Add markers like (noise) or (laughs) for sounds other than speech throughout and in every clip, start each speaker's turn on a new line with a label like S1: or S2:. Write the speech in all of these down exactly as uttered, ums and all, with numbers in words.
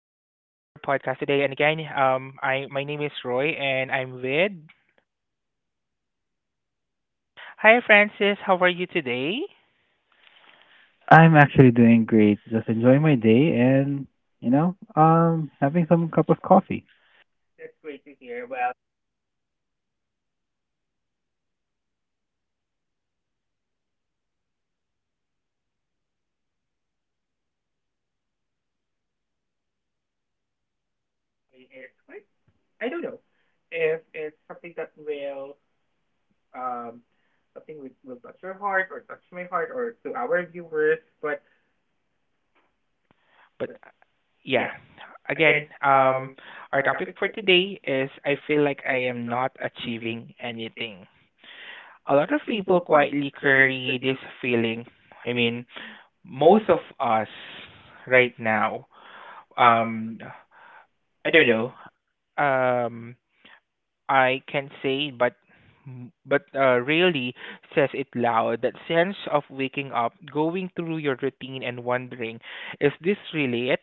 S1: podcast today. And again, um, I my name is Roy and I'm with. Hi Francis, how are you today?
S2: I'm actually doing great. Just enjoying my day and, you know, um, having some cup of coffee.
S1: But yeah, again, um, our topic for today is I feel like I am not achieving anything. A lot of people quietly carry this feeling. I mean, most of us right now, um, I don't know. Um, I can say, but but uh, really says it loud. That sense of waking up, going through your routine, and wondering, is this really it?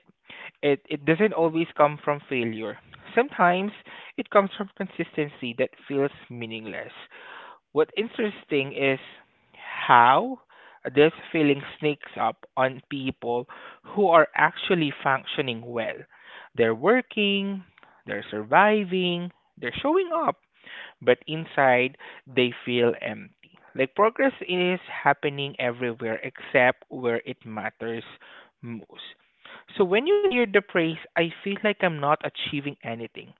S1: It it doesn't always come from failure. Sometimes it comes from consistency that feels meaningless. What interesting is how this feeling sneaks up on people who are actually functioning well. They're working, they're surviving, they're showing up, but inside they feel empty. Like progress is happening everywhere except where it matters most. So when you hear the praise, I feel like I'm not achieving anything.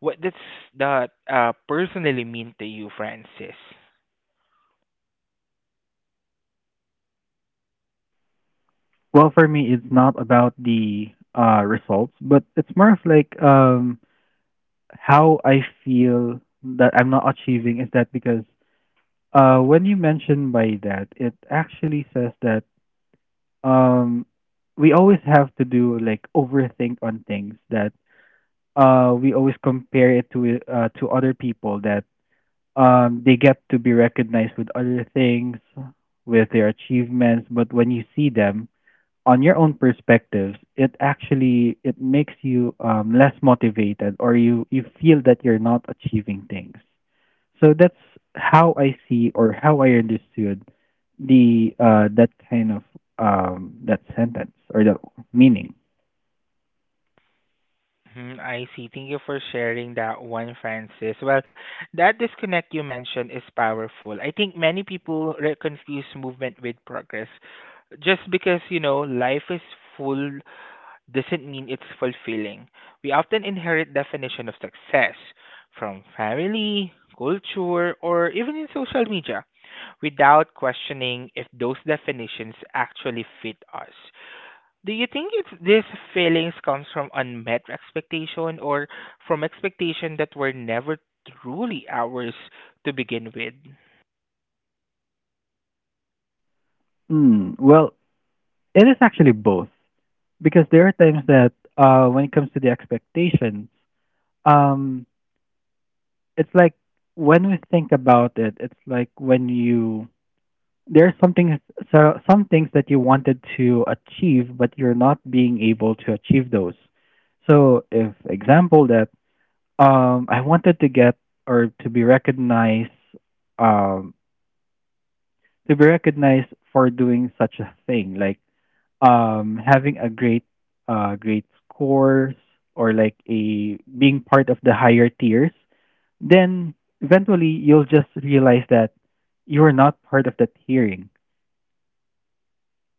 S1: What does that uh, personally mean to you, Francis?
S2: Well, for me, it's not about the uh, results, but it's more of like um, how I feel that I'm not achieving. Is that because uh, when you mention by that, it actually says that um, we always have to do like overthink on things that uh, we always compare it to uh, to other people that um they get to be recognized with other things with their achievements, but when you see them on your own perspectives, it actually it makes you um, less motivated, or you you feel that you're not achieving things. So that's how I see or how I understood the uh that kind of um that sentence or the meaning.
S1: Mhm, I see. Thank you for sharing that one, Francis. Well, that disconnect you mentioned is powerful. I think many people re- confuse movement with progress just because you know life is full doesn't mean it's fulfilling. We often inherit definition of success from family, culture, or even in social media without questioning if those definitions actually fit us. Do you think it's these feelings comes from unmet expectation or from expectation that were never truly ours to begin with?
S2: Mm, well, it is actually both because there are times that uh when it comes to the expectations. Um, it's like when we think about it, it's like when you there are some things, so some things that you wanted to achieve, but you're not being able to achieve those. So, if example that um, I wanted to get or to be recognized, um, to be recognized for doing such a thing like um having a great uh great scores, or like a being part of the higher tiers, then eventually you'll just realize that you're not part of that tiering.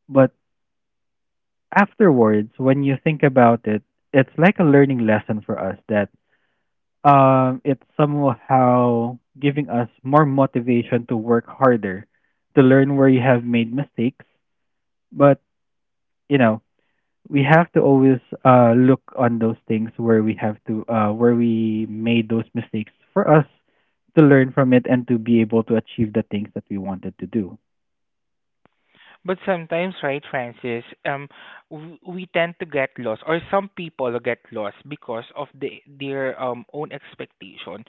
S2: But afterwards when you think about it, it's like a learning lesson for us that um it's somehow giving us more motivation to work harder, to learn where you have made mistakes. But you know, we have to always uh look on those things where we have to uh where we made those mistakes for us to learn from it and to be able to achieve the things that we wanted to do.
S1: But sometimes, right, Francis, um, w- we tend to get lost, or some people get lost because of the, their um own expectation.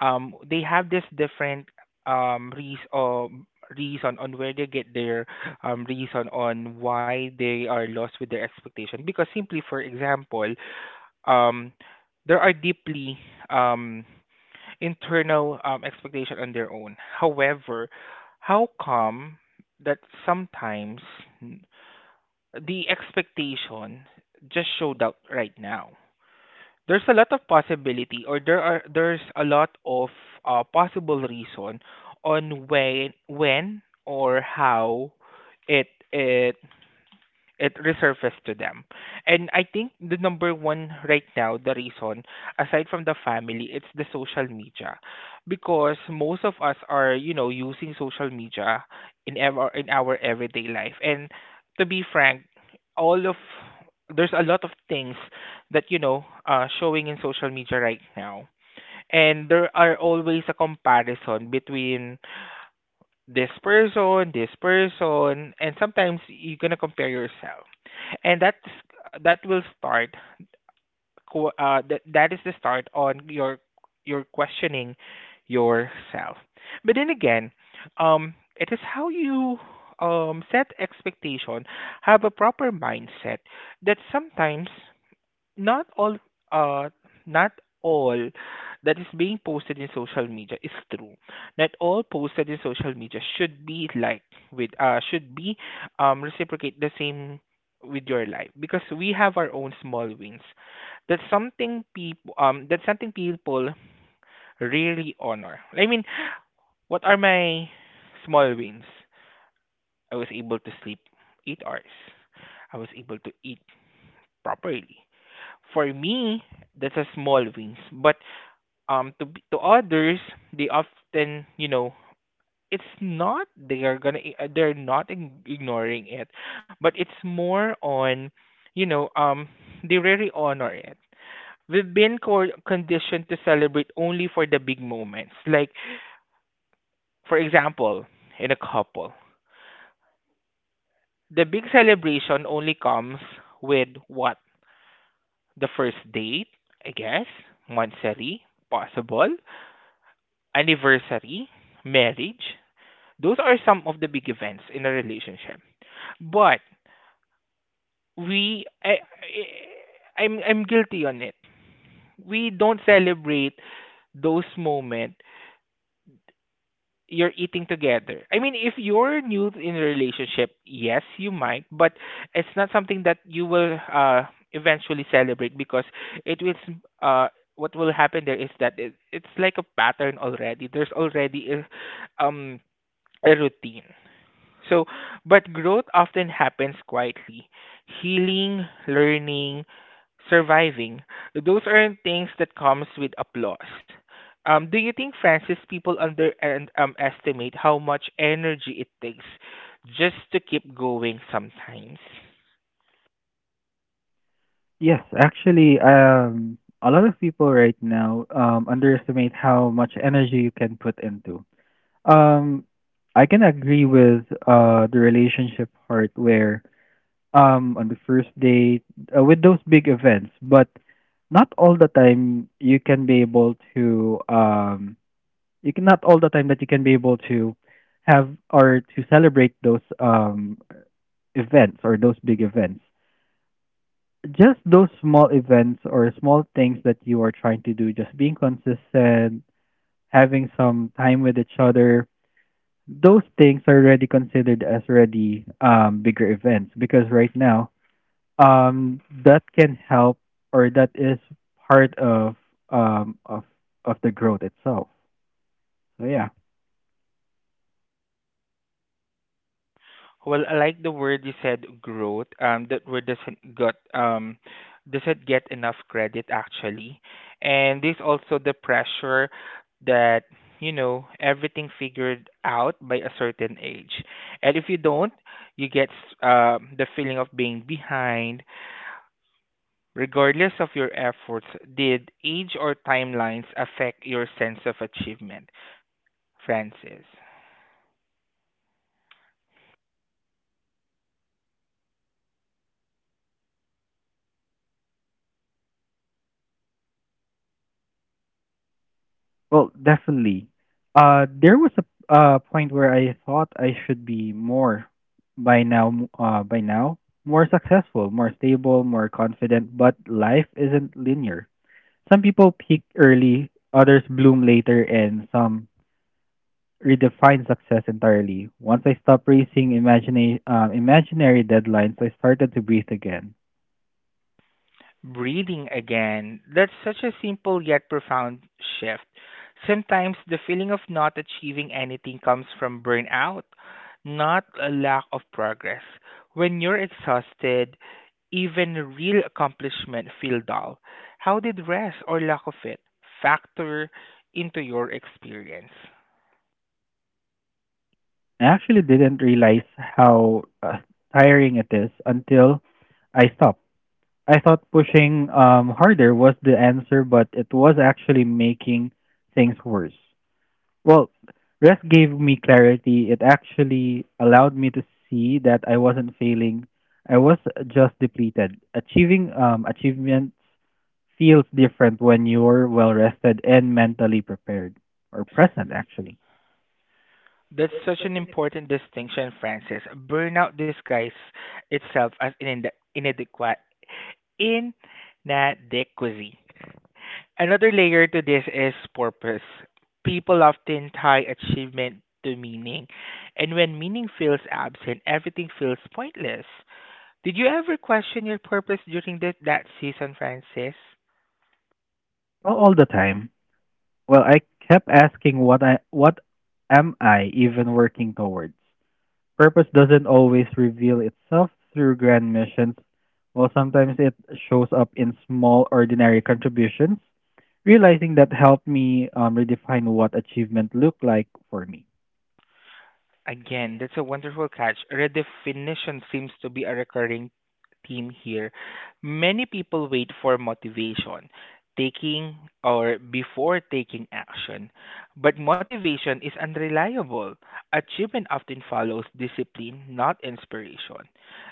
S1: Um, they have this different um reason, um, reason on where they get their um reason on why they are lost with their expectation. Because simply, for example, um, there are deeply um internal um expectation on their own. However, how come that sometimes the expectation just showed up right now. There's a lot of possibility, or there are there's a lot of uh, possible reason on when when or how it it it resurfaced to them. And I think the number one right now, the reason, aside from the family, it's the social media. Because most of us are, you know, using social media in ever in our everyday life. And to be frank, all of there's a lot of things that you know uh, showing in social media right now, and there are always a comparison between this person this person and sometimes you're gonna compare yourself, and that that will start qu- uh, that that is the start on your your questioning yourself. But then again, um it is how you um set expectation, have a proper mindset, that sometimes not all uh not all that is being posted in social media is true. Not all posted in social media should be liked with uh should be um reciprocate the same with your life, because we have our own small wins. That's something people, um that's something people really honor. I mean, what are my small wins? I was able to sleep eight hours, I was able to eat properly. For me, that's a small wins, but um, to b- to others, they often you know it's not they are gonna i- uh, they're not ig- ignoring it, but it's more on you know um they really honor it. We've been co- conditioned to celebrate only for the big moments, like for example, in a couple, the big celebration only comes with what, the first date, I guess, monthly, possible anniversary, marriage. Those are some of the big events in a relationship. But we, I, I, I'm, I'm guilty on it. We don't celebrate those moments you're eating together. I mean, if you're new in a relationship, yes, you might, but it's not something that you will uh, eventually celebrate because it will. Uh, what will happen there is that it, it's like a pattern already. There's already a, um a routine. So, but growth often happens quietly. Healing, learning, surviving. Those aren't things that comes with applause. Um, do you think, Francis, people under and um, estimate how much energy it takes just to keep going sometimes?
S2: Yes, actually, um, a lot of people right now um, underestimate how much energy you can put into. Um, I can agree with uh, the relationship part where um on the first date, uh, with those big events, but not all the time you can be able to um you can not all the time that you can be able to have or to celebrate those um events or those big events. Just those small events or small things that you are trying to do, just being consistent, having some time with each other, those things are already considered as already um bigger events, because right now um that can help or that is part of um of of the growth itself. So yeah.
S1: Well, I like the word you said, growth. Um, that word doesn't got um doesn't get enough credit actually, and there's also the pressure that you know everything figured out by a certain age, and if you don't, you get uh the feeling of being behind. Regardless of your efforts, did age or timelines affect your sense of achievement, Francis?
S2: Well, definitely uh there was a uh point where I thought I should be more by now, uh by now more successful, more stable, more confident, but life isn't linear. Some people peak early, others bloom later, and some redefined success entirely. Once I stopped racing imagina- uh, imaginary deadlines, I started to breathe again.
S1: Breathing again. That's such a simple yet profound shift. Sometimes the feeling of not achieving anything comes from burnout, not a lack of progress. When you're exhausted, even real accomplishment feel dull. How did rest or lack of it factor into your experience?
S2: I actually didn't realize how uh, tiring it is until I stopped. I thought pushing um, harder was the answer, but it was actually making things worse. Well, rest gave me clarity. It actually allowed me to see that I wasn't failing. I was just depleted. Achieving um achievements feels different when you're well rested and mentally prepared or present actually.
S1: That's such an important distinction, Francis. Burnout disguises itself as an inde- inadequate inadequacy. Another layer to this is purpose. People often tie achievement to meaning, and when meaning feels absent, everything feels pointless. Did you ever question your purpose during that that season, Francis?
S2: Well, all the time. Well, I kept asking what I what am I even working towards? Purpose doesn't always reveal itself through grand missions, while sometimes it shows up in small, ordinary contributions. Realizing that helped me um, redefine what achievement looked like for me.
S1: Again, that's a wonderful catch. Redefinition seems to be a recurring theme here. Many people wait for motivation, taking or before taking action. But motivation is unreliable. Achievement often follows discipline, not inspiration.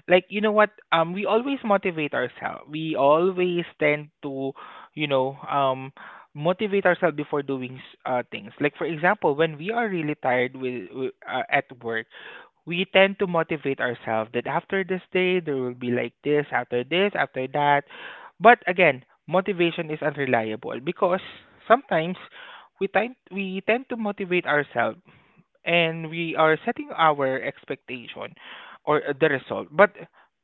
S1: Like, you know what? Um, we always motivate ourselves. We always tend to, you know, um, motivate ourselves before doing s- uh, things. Like for example, when we are really tired with, with uh, at work, we tend to motivate ourselves that after this day there will be like this, after this, after that. But again, motivation is unreliable because sometimes we tend we tend to motivate ourselves and we are setting our expectation or uh, the result. But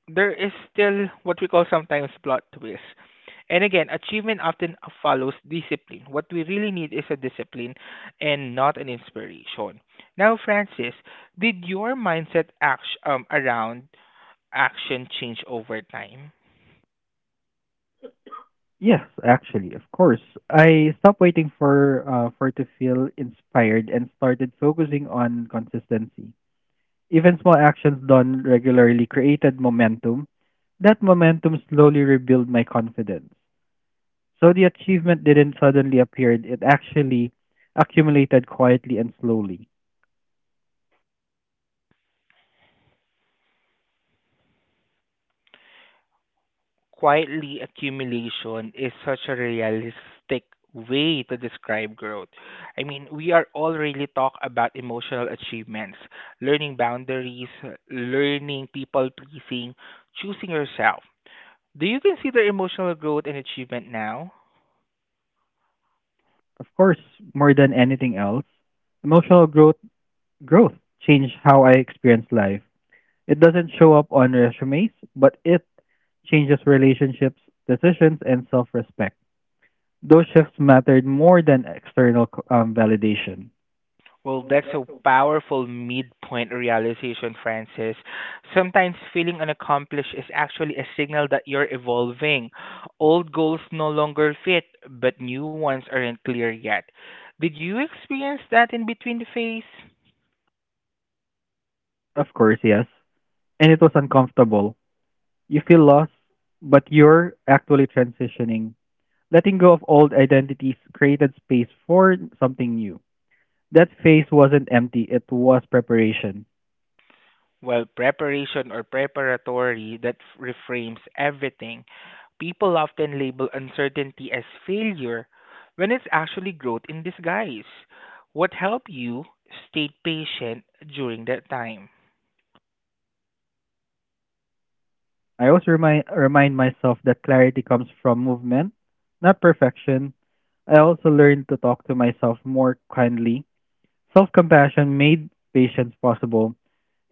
S1: there is still what we call sometimes plot twist. And again, achievement often follows discipline. What we really need is a discipline and not an inspiration. Now, Francis, did your mindset act- um, around action change over time?
S2: Yes, actually, of course. I stopped waiting for uh, for to feel inspired and started focusing on consistency. Even small actions done regularly created momentum. That momentum slowly rebuilt my confidence. So the achievement didn't suddenly appear, it actually accumulated quietly and slowly.
S1: Quietly, accumulation is such a realistic way to describe growth. I mean, we are already really talk about emotional achievements, learning boundaries, learning people pleasing, choosing yourself. Do you consider emotional growth an achievement now?
S2: Of course, more than anything else, emotional growth growth changed how I experience life. It doesn't show up on resumes, but it changes relationships, decisions, and self-respect. Those shifts mattered more than external um, validation.
S1: Well, that's a powerful midpoint realization, Francis. Sometimes feeling unaccomplished is actually a signal that you're evolving. Old goals no longer fit, but new ones aren't clear yet. Did you experience that in between the phase?
S2: Of course, yes. And it was uncomfortable. You feel lost, but you're actually transitioning. Letting go of old identities created space for something new. That phase wasn't empty, it was preparation.
S1: Well, preparation or preparatory that f- reframes everything. People often label uncertainty as failure when it's actually growth in disguise. What helped you stay patient during that time?
S2: I also remind, remind myself that clarity comes from movement, not perfection. I also learned to talk to myself more kindly. Self compassion made patience possible,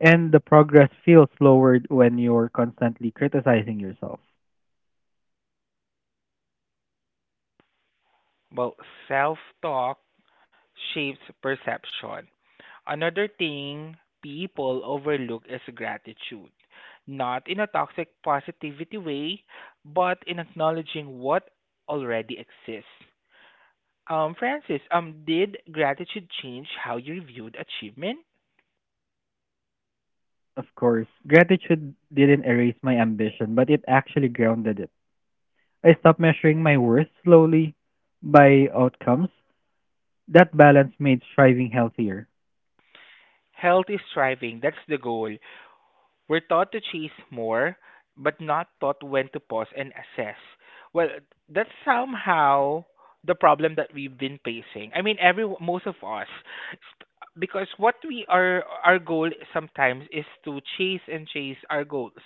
S2: and the progress feels slower when you're constantly criticizing yourself.
S1: Well, self talk shapes perception. Another thing people overlook is gratitude, not in a toxic positivity way, but in acknowledging what already exists. Um, Francis, um, did gratitude change how you reviewed achievement?
S2: Of course, gratitude didn't erase my ambition, but it actually grounded it. I stopped measuring my worth slowly by outcomes. That balance made striving healthier.
S1: Health is thriving. That's the goal. We're taught to chase more, but not taught when to pause and assess. Well, that's somehow the problem that we've been facing. I mean, every most of us, Sp- because what we are our goal sometimes is to chase and chase our goals,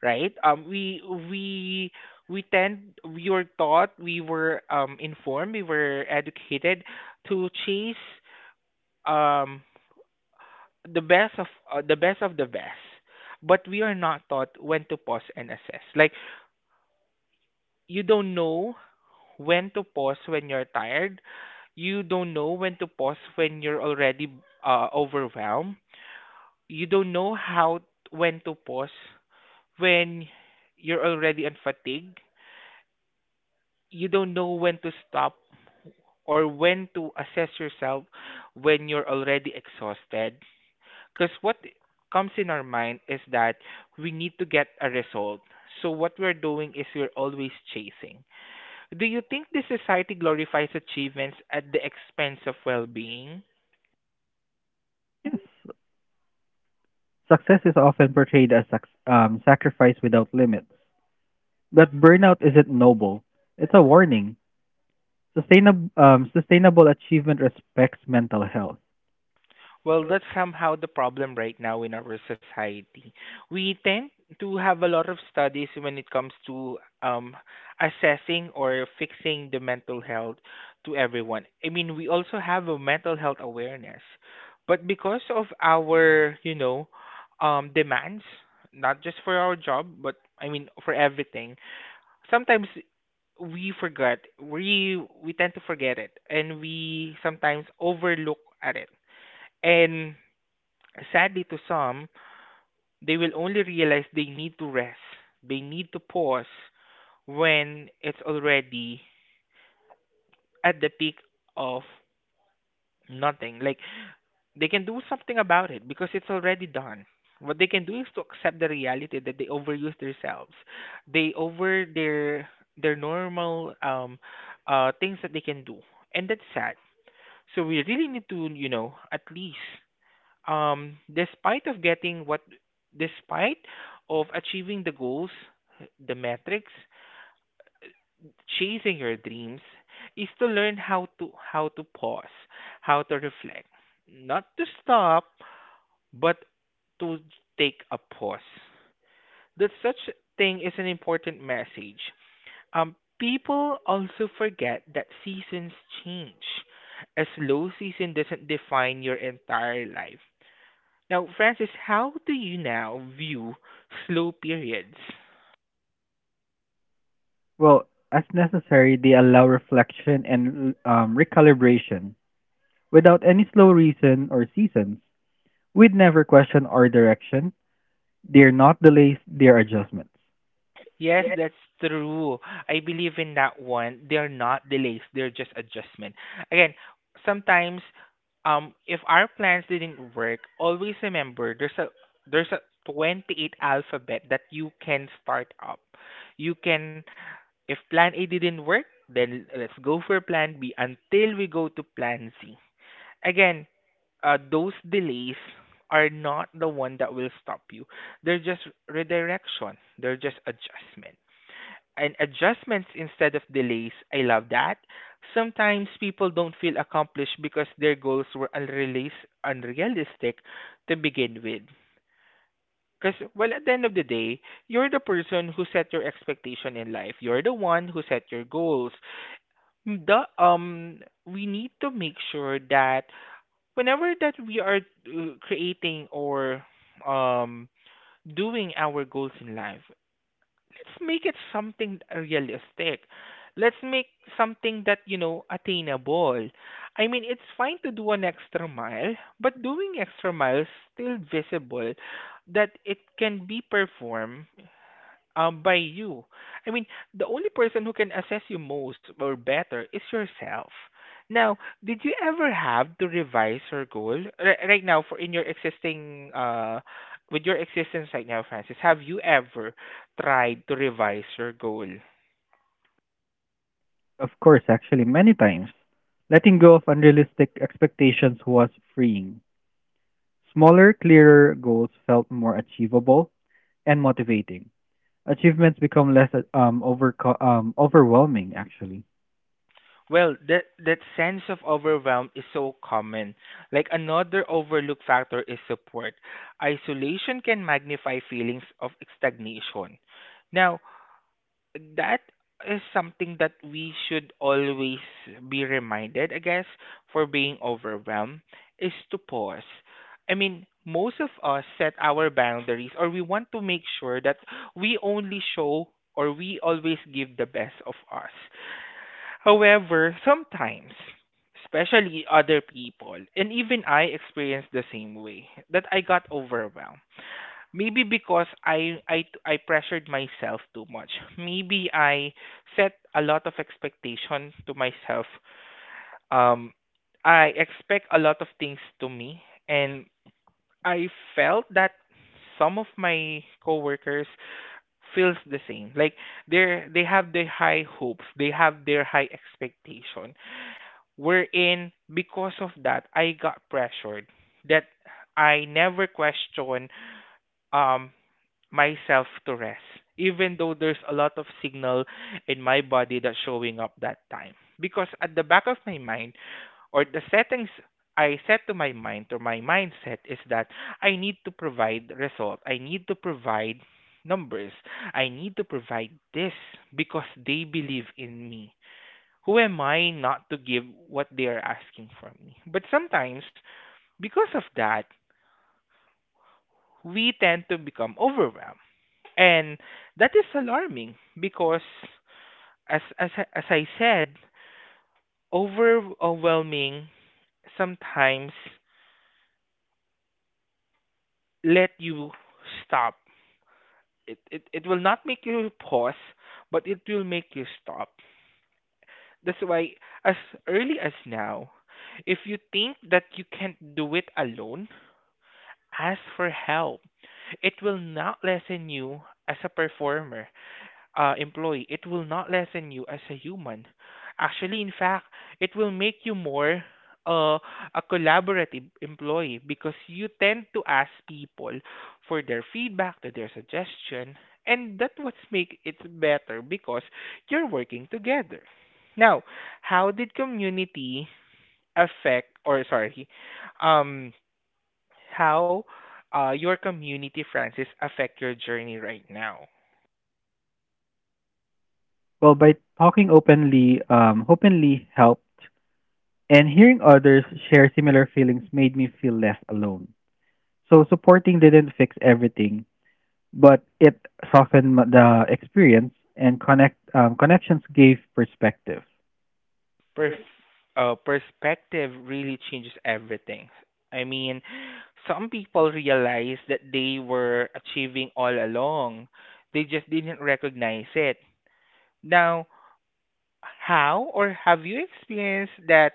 S1: right? Um, we we we tend we were taught, we were um informed, we were educated to chase um the best of uh, the best of the best. But we are not taught when to pause and assess. Like, you don't know when to pause when you're tired, you don't know when to pause when you're already uh, overwhelmed, you don't know how when to pause when you're already on fatigue, you don't know when to stop or when to assess yourself when you're already exhausted, because what comes in our mind is that we need to get a result. So what we're doing is we're always chasing. Do you think this society glorifies achievements at the expense of well-being?
S2: Yes, success is often portrayed as sac- um, sacrifice without limits, but burnout isn't noble. It's a warning. Sustainable, um, sustainable achievement respects mental health.
S1: Well, that's somehow the problem right now in our society. We tend to have a lot of studies when it comes to um, assessing or fixing the mental health to everyone. I mean, we also have a mental health awareness, but because of our, you know, um, demands, not just for our job, but I mean for everything, sometimes we forget we we tend to forget it and we sometimes overlook at it. And sadly, to some, they will only realize they need to rest, they need to pause when it's already at the peak of nothing. Like, they can do something about it because it's already done. What they can do is to accept the reality that they overuse themselves. They over their their normal um uh things that they can do. And that's sad. So we really need to, you know, at least um despite of getting what despite of achieving the goals, the metrics, chasing your dreams, is to learn how to how to pause, how to reflect, not to stop, but to take a pause. That such thing is an important message. Um people also forget that seasons change. A slow season doesn't define your entire life. Now, Francis, how do you now view slow periods?
S2: Well, as necessary, they allow reflection and um, recalibration. Without any slow reason or seasons, we'd never question our direction. They're not delays, they're adjustments.
S1: Yes, that's true. I believe in that one. They're not delays, they're just adjustment. Again, sometimes um if our plans didn't work, always remember there's a there's a twenty-eight alphabet that you can start up. You can, if plan A didn't work, then let's go for plan B until we go to plan C. Again, uh, those delays are not the one that will stop you. They're just redirection. They're just adjustment. And adjustments instead of delays, I love that. Sometimes people don't feel accomplished because their goals were unrealis- unrealistic to begin with. Because, well, at the end of the day, you're the person who set your expectation in life. You're the one who set your goals. The um, We need to make sure that whenever that we are uh, creating or um doing our goals in life, let's make it something realistic, let's make something that, you know, attainable. I mean, it's fine to do an extra mile, but doing extra miles still visible that it can be performed um by you. I mean, the only person who can assess you most or better is yourself. Now, did you ever have to revise your goal R- right now for in your existing uh with your existence right now, Francis? Have you ever tried to revise your goal?
S2: Of course, actually, many times. Letting go of unrealistic expectations was freeing. Smaller, clearer goals felt more achievable and motivating. Achievements become less um, overco- um, overwhelming, actually.
S1: Well, that that sense of overwhelm is so common. Like another overlooked factor is support. Isolation can magnify feelings of stagnation. Now, that is something that we should always be reminded, I guess, for being overwhelmed, is to pause. I mean, most of us set our boundaries or we want to make sure that we only show or we always give the best of us. However, sometimes, especially other people, and even I experienced the same way, that I got overwhelmed. Maybe because I, I I pressured myself too much. Maybe I set a lot of expectation to myself. Um, I expect a lot of things to me, and I felt that some of my coworkers feels the same. Like they they have their high hopes, they have their high expectation. Wherein because of that, I got pressured that I never question um myself to rest, even though there's a lot of signal in my body that's showing up that time. Because at the back of my mind, or the settings I set to my mind, or my mindset, is that I need to provide result, I need to provide numbers, I need to provide this because they believe in me. Who am I not to give what they are asking from me? But sometimes, because of that, we tend to become overwhelmed. And that is alarming because as as I- as I said, overwhelming sometimes let you stop. It, it it will not make you pause, but it will make you stop. That's why as early as now, if you think that you can't do it alone, ask for help. It will not lessen you as a performer, uh, employee, it will not lessen you as a human. Actually, in fact, it will make you more uh, a collaborative employee because you tend to ask people for their feedback, to their suggestion, and that what make it better because you're working together. Now, how did community affect, or sorry, um, how, uh, your community, Francis, affect your journey right now?
S2: Well, by talking openly, um, openly helped, and hearing others share similar feelings made me feel less alone. So, supporting didn't fix everything, but it softened m- the experience, and connect um, connections gave perspective.
S1: perf- uh, Perspective really changes everything. I mean, some people realize that they were achieving all along, they just didn't recognize it. Now, how or have you experienced that?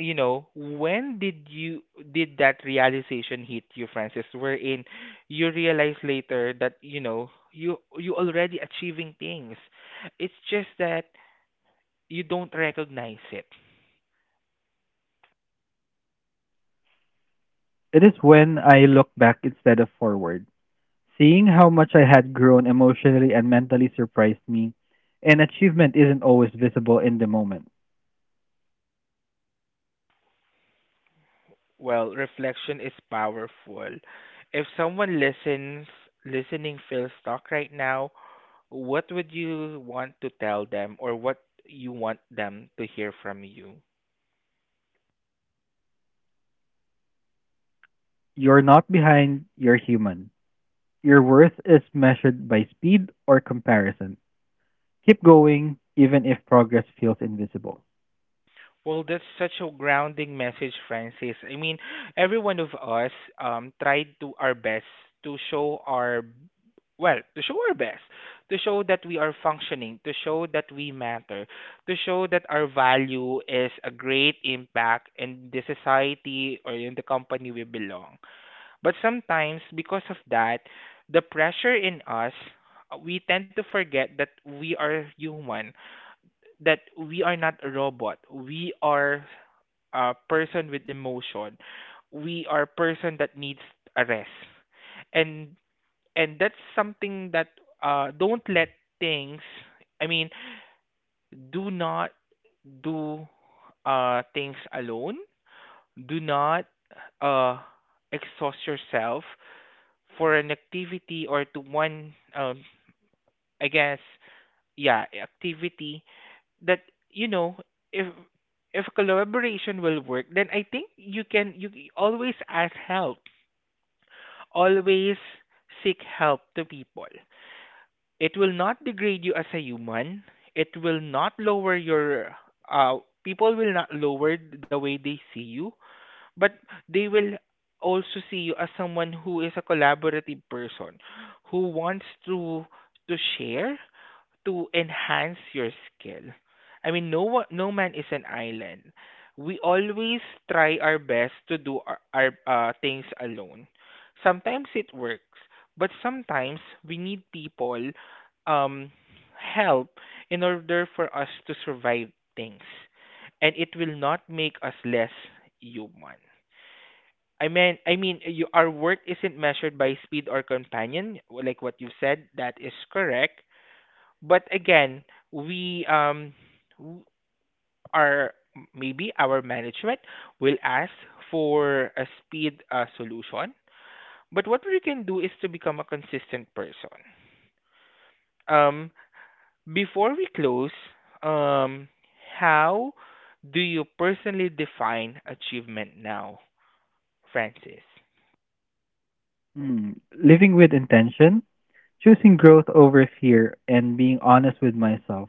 S1: You know, when did you, did that realization hit you, Francis? Wherein you realize later that, you know, you you already achieving things. It's just that you don't recognize it.
S2: It is when I look back instead of forward. Seeing how much I had grown emotionally and mentally surprised me, and achievement isn't always visible in the moment.
S1: Well, reflection is powerful. If someone listens, listening feels stuck right now, what would you want to tell them or what you want them to hear from you?
S2: You're not behind, you're human. Your worth is measured by speed or comparison. Keep going, even if progress feels invisible.
S1: Well, that's such a grounding message, Francis. I mean, every one of us um tried to our best to show our, well, to show our best, to show that we are functioning, to show that we matter, to show that our value is a great impact in the society or in the company we belong. But sometimes, because of that, the pressure in us, uh, we tend to forget that we are human, that we are not a robot. We are a person with emotion. We are person that needs a rest. And and that's something that uh don't let things, I mean, do not do uh things alone. Do not uh exhaust yourself for an activity or to one um I guess, yeah, activity that, you know, if if collaboration will work, then I think you can you c- always ask help, always seek help to people. It will not degrade you as a human, it will not lower your uh people will not lower the way they see you, but they will also see you as someone who is a collaborative person who wants to to share, to enhance your skill. I mean, no one, no man is an island. We always try our best to do our, our uh, things alone. Sometimes it works, but sometimes we need people um help in order for us to survive things, and it will not make us less human. I mean, I mean, you, our work isn't measured by speed or companion, like what you said. That is correct. But again, we um w- our maybe our management will ask for a speed uh, solution. But what we can do is to become a consistent person. Um, Before we close, um, how do you personally define achievement now, Francis?
S2: Hmm. Living with intention, choosing growth over fear, and being honest with myself.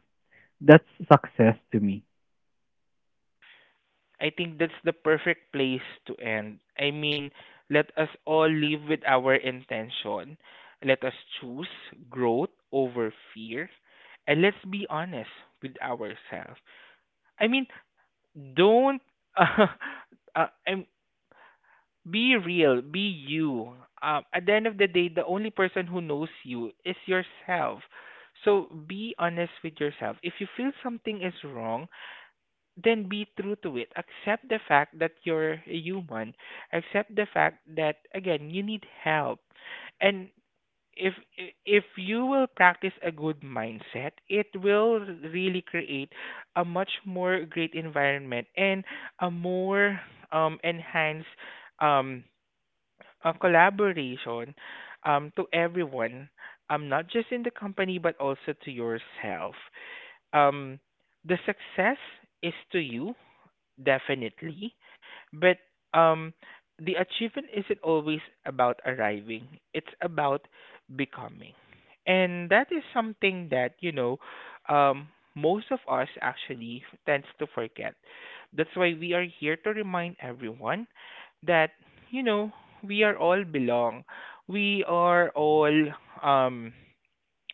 S2: That's success to me.
S1: I think that's the perfect place to end. I mean, let us all live with our intention. Let us choose growth over fear. And let's be honest with ourselves. I mean, don't. (laughs) Uh, uh, I'm, be real, be you. Um, at the end of the day, the only person who knows you is yourself. So be honest with yourself. If you feel something is wrong, then be true to it. Accept the fact that you're a human. Accept the fact that again you need help. And if if you will practice a good mindset, it will really create a much more great environment and a more um enhanced um uh, collaboration um to everyone. Um, not just in the company but also to yourself. Um, the success is to you definitely. But um, the achievement isn't always about arriving, it's about becoming. And that is something that, you know, um, most of us actually tends to forget. That's why we are here to remind everyone that, you know, we are all belong. We are all, um,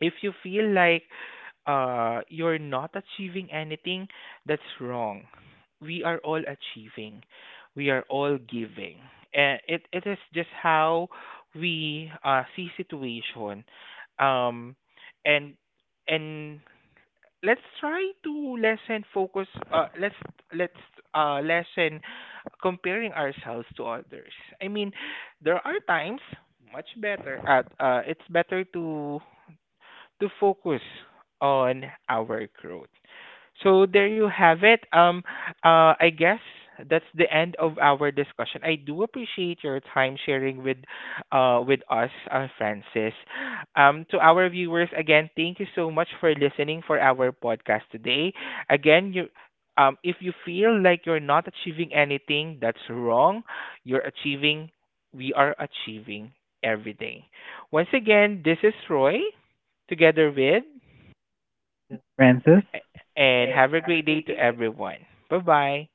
S1: if you feel like uh, you're not achieving anything, that's wrong. We are all achieving. We are all giving. And it, it is just how we uh, see situation. Um, and and let's try to lessen focus uh, let's let's uh, lessen comparing ourselves to others. I mean, there are times much better at uh, it's better to to focus on our growth. So there you have it. Um, uh, I guess that's the end of our discussion. I do appreciate your time sharing with, uh, with us, uh, Francis. Um, to our viewers, again, thank you so much for listening for our podcast today. Again, you. Um, if you feel like you're not achieving anything, that's wrong. You're achieving, we are achieving every day. Once again, this is Roy together with,
S2: Francis?
S1: and have a great day to everyone. Bye bye.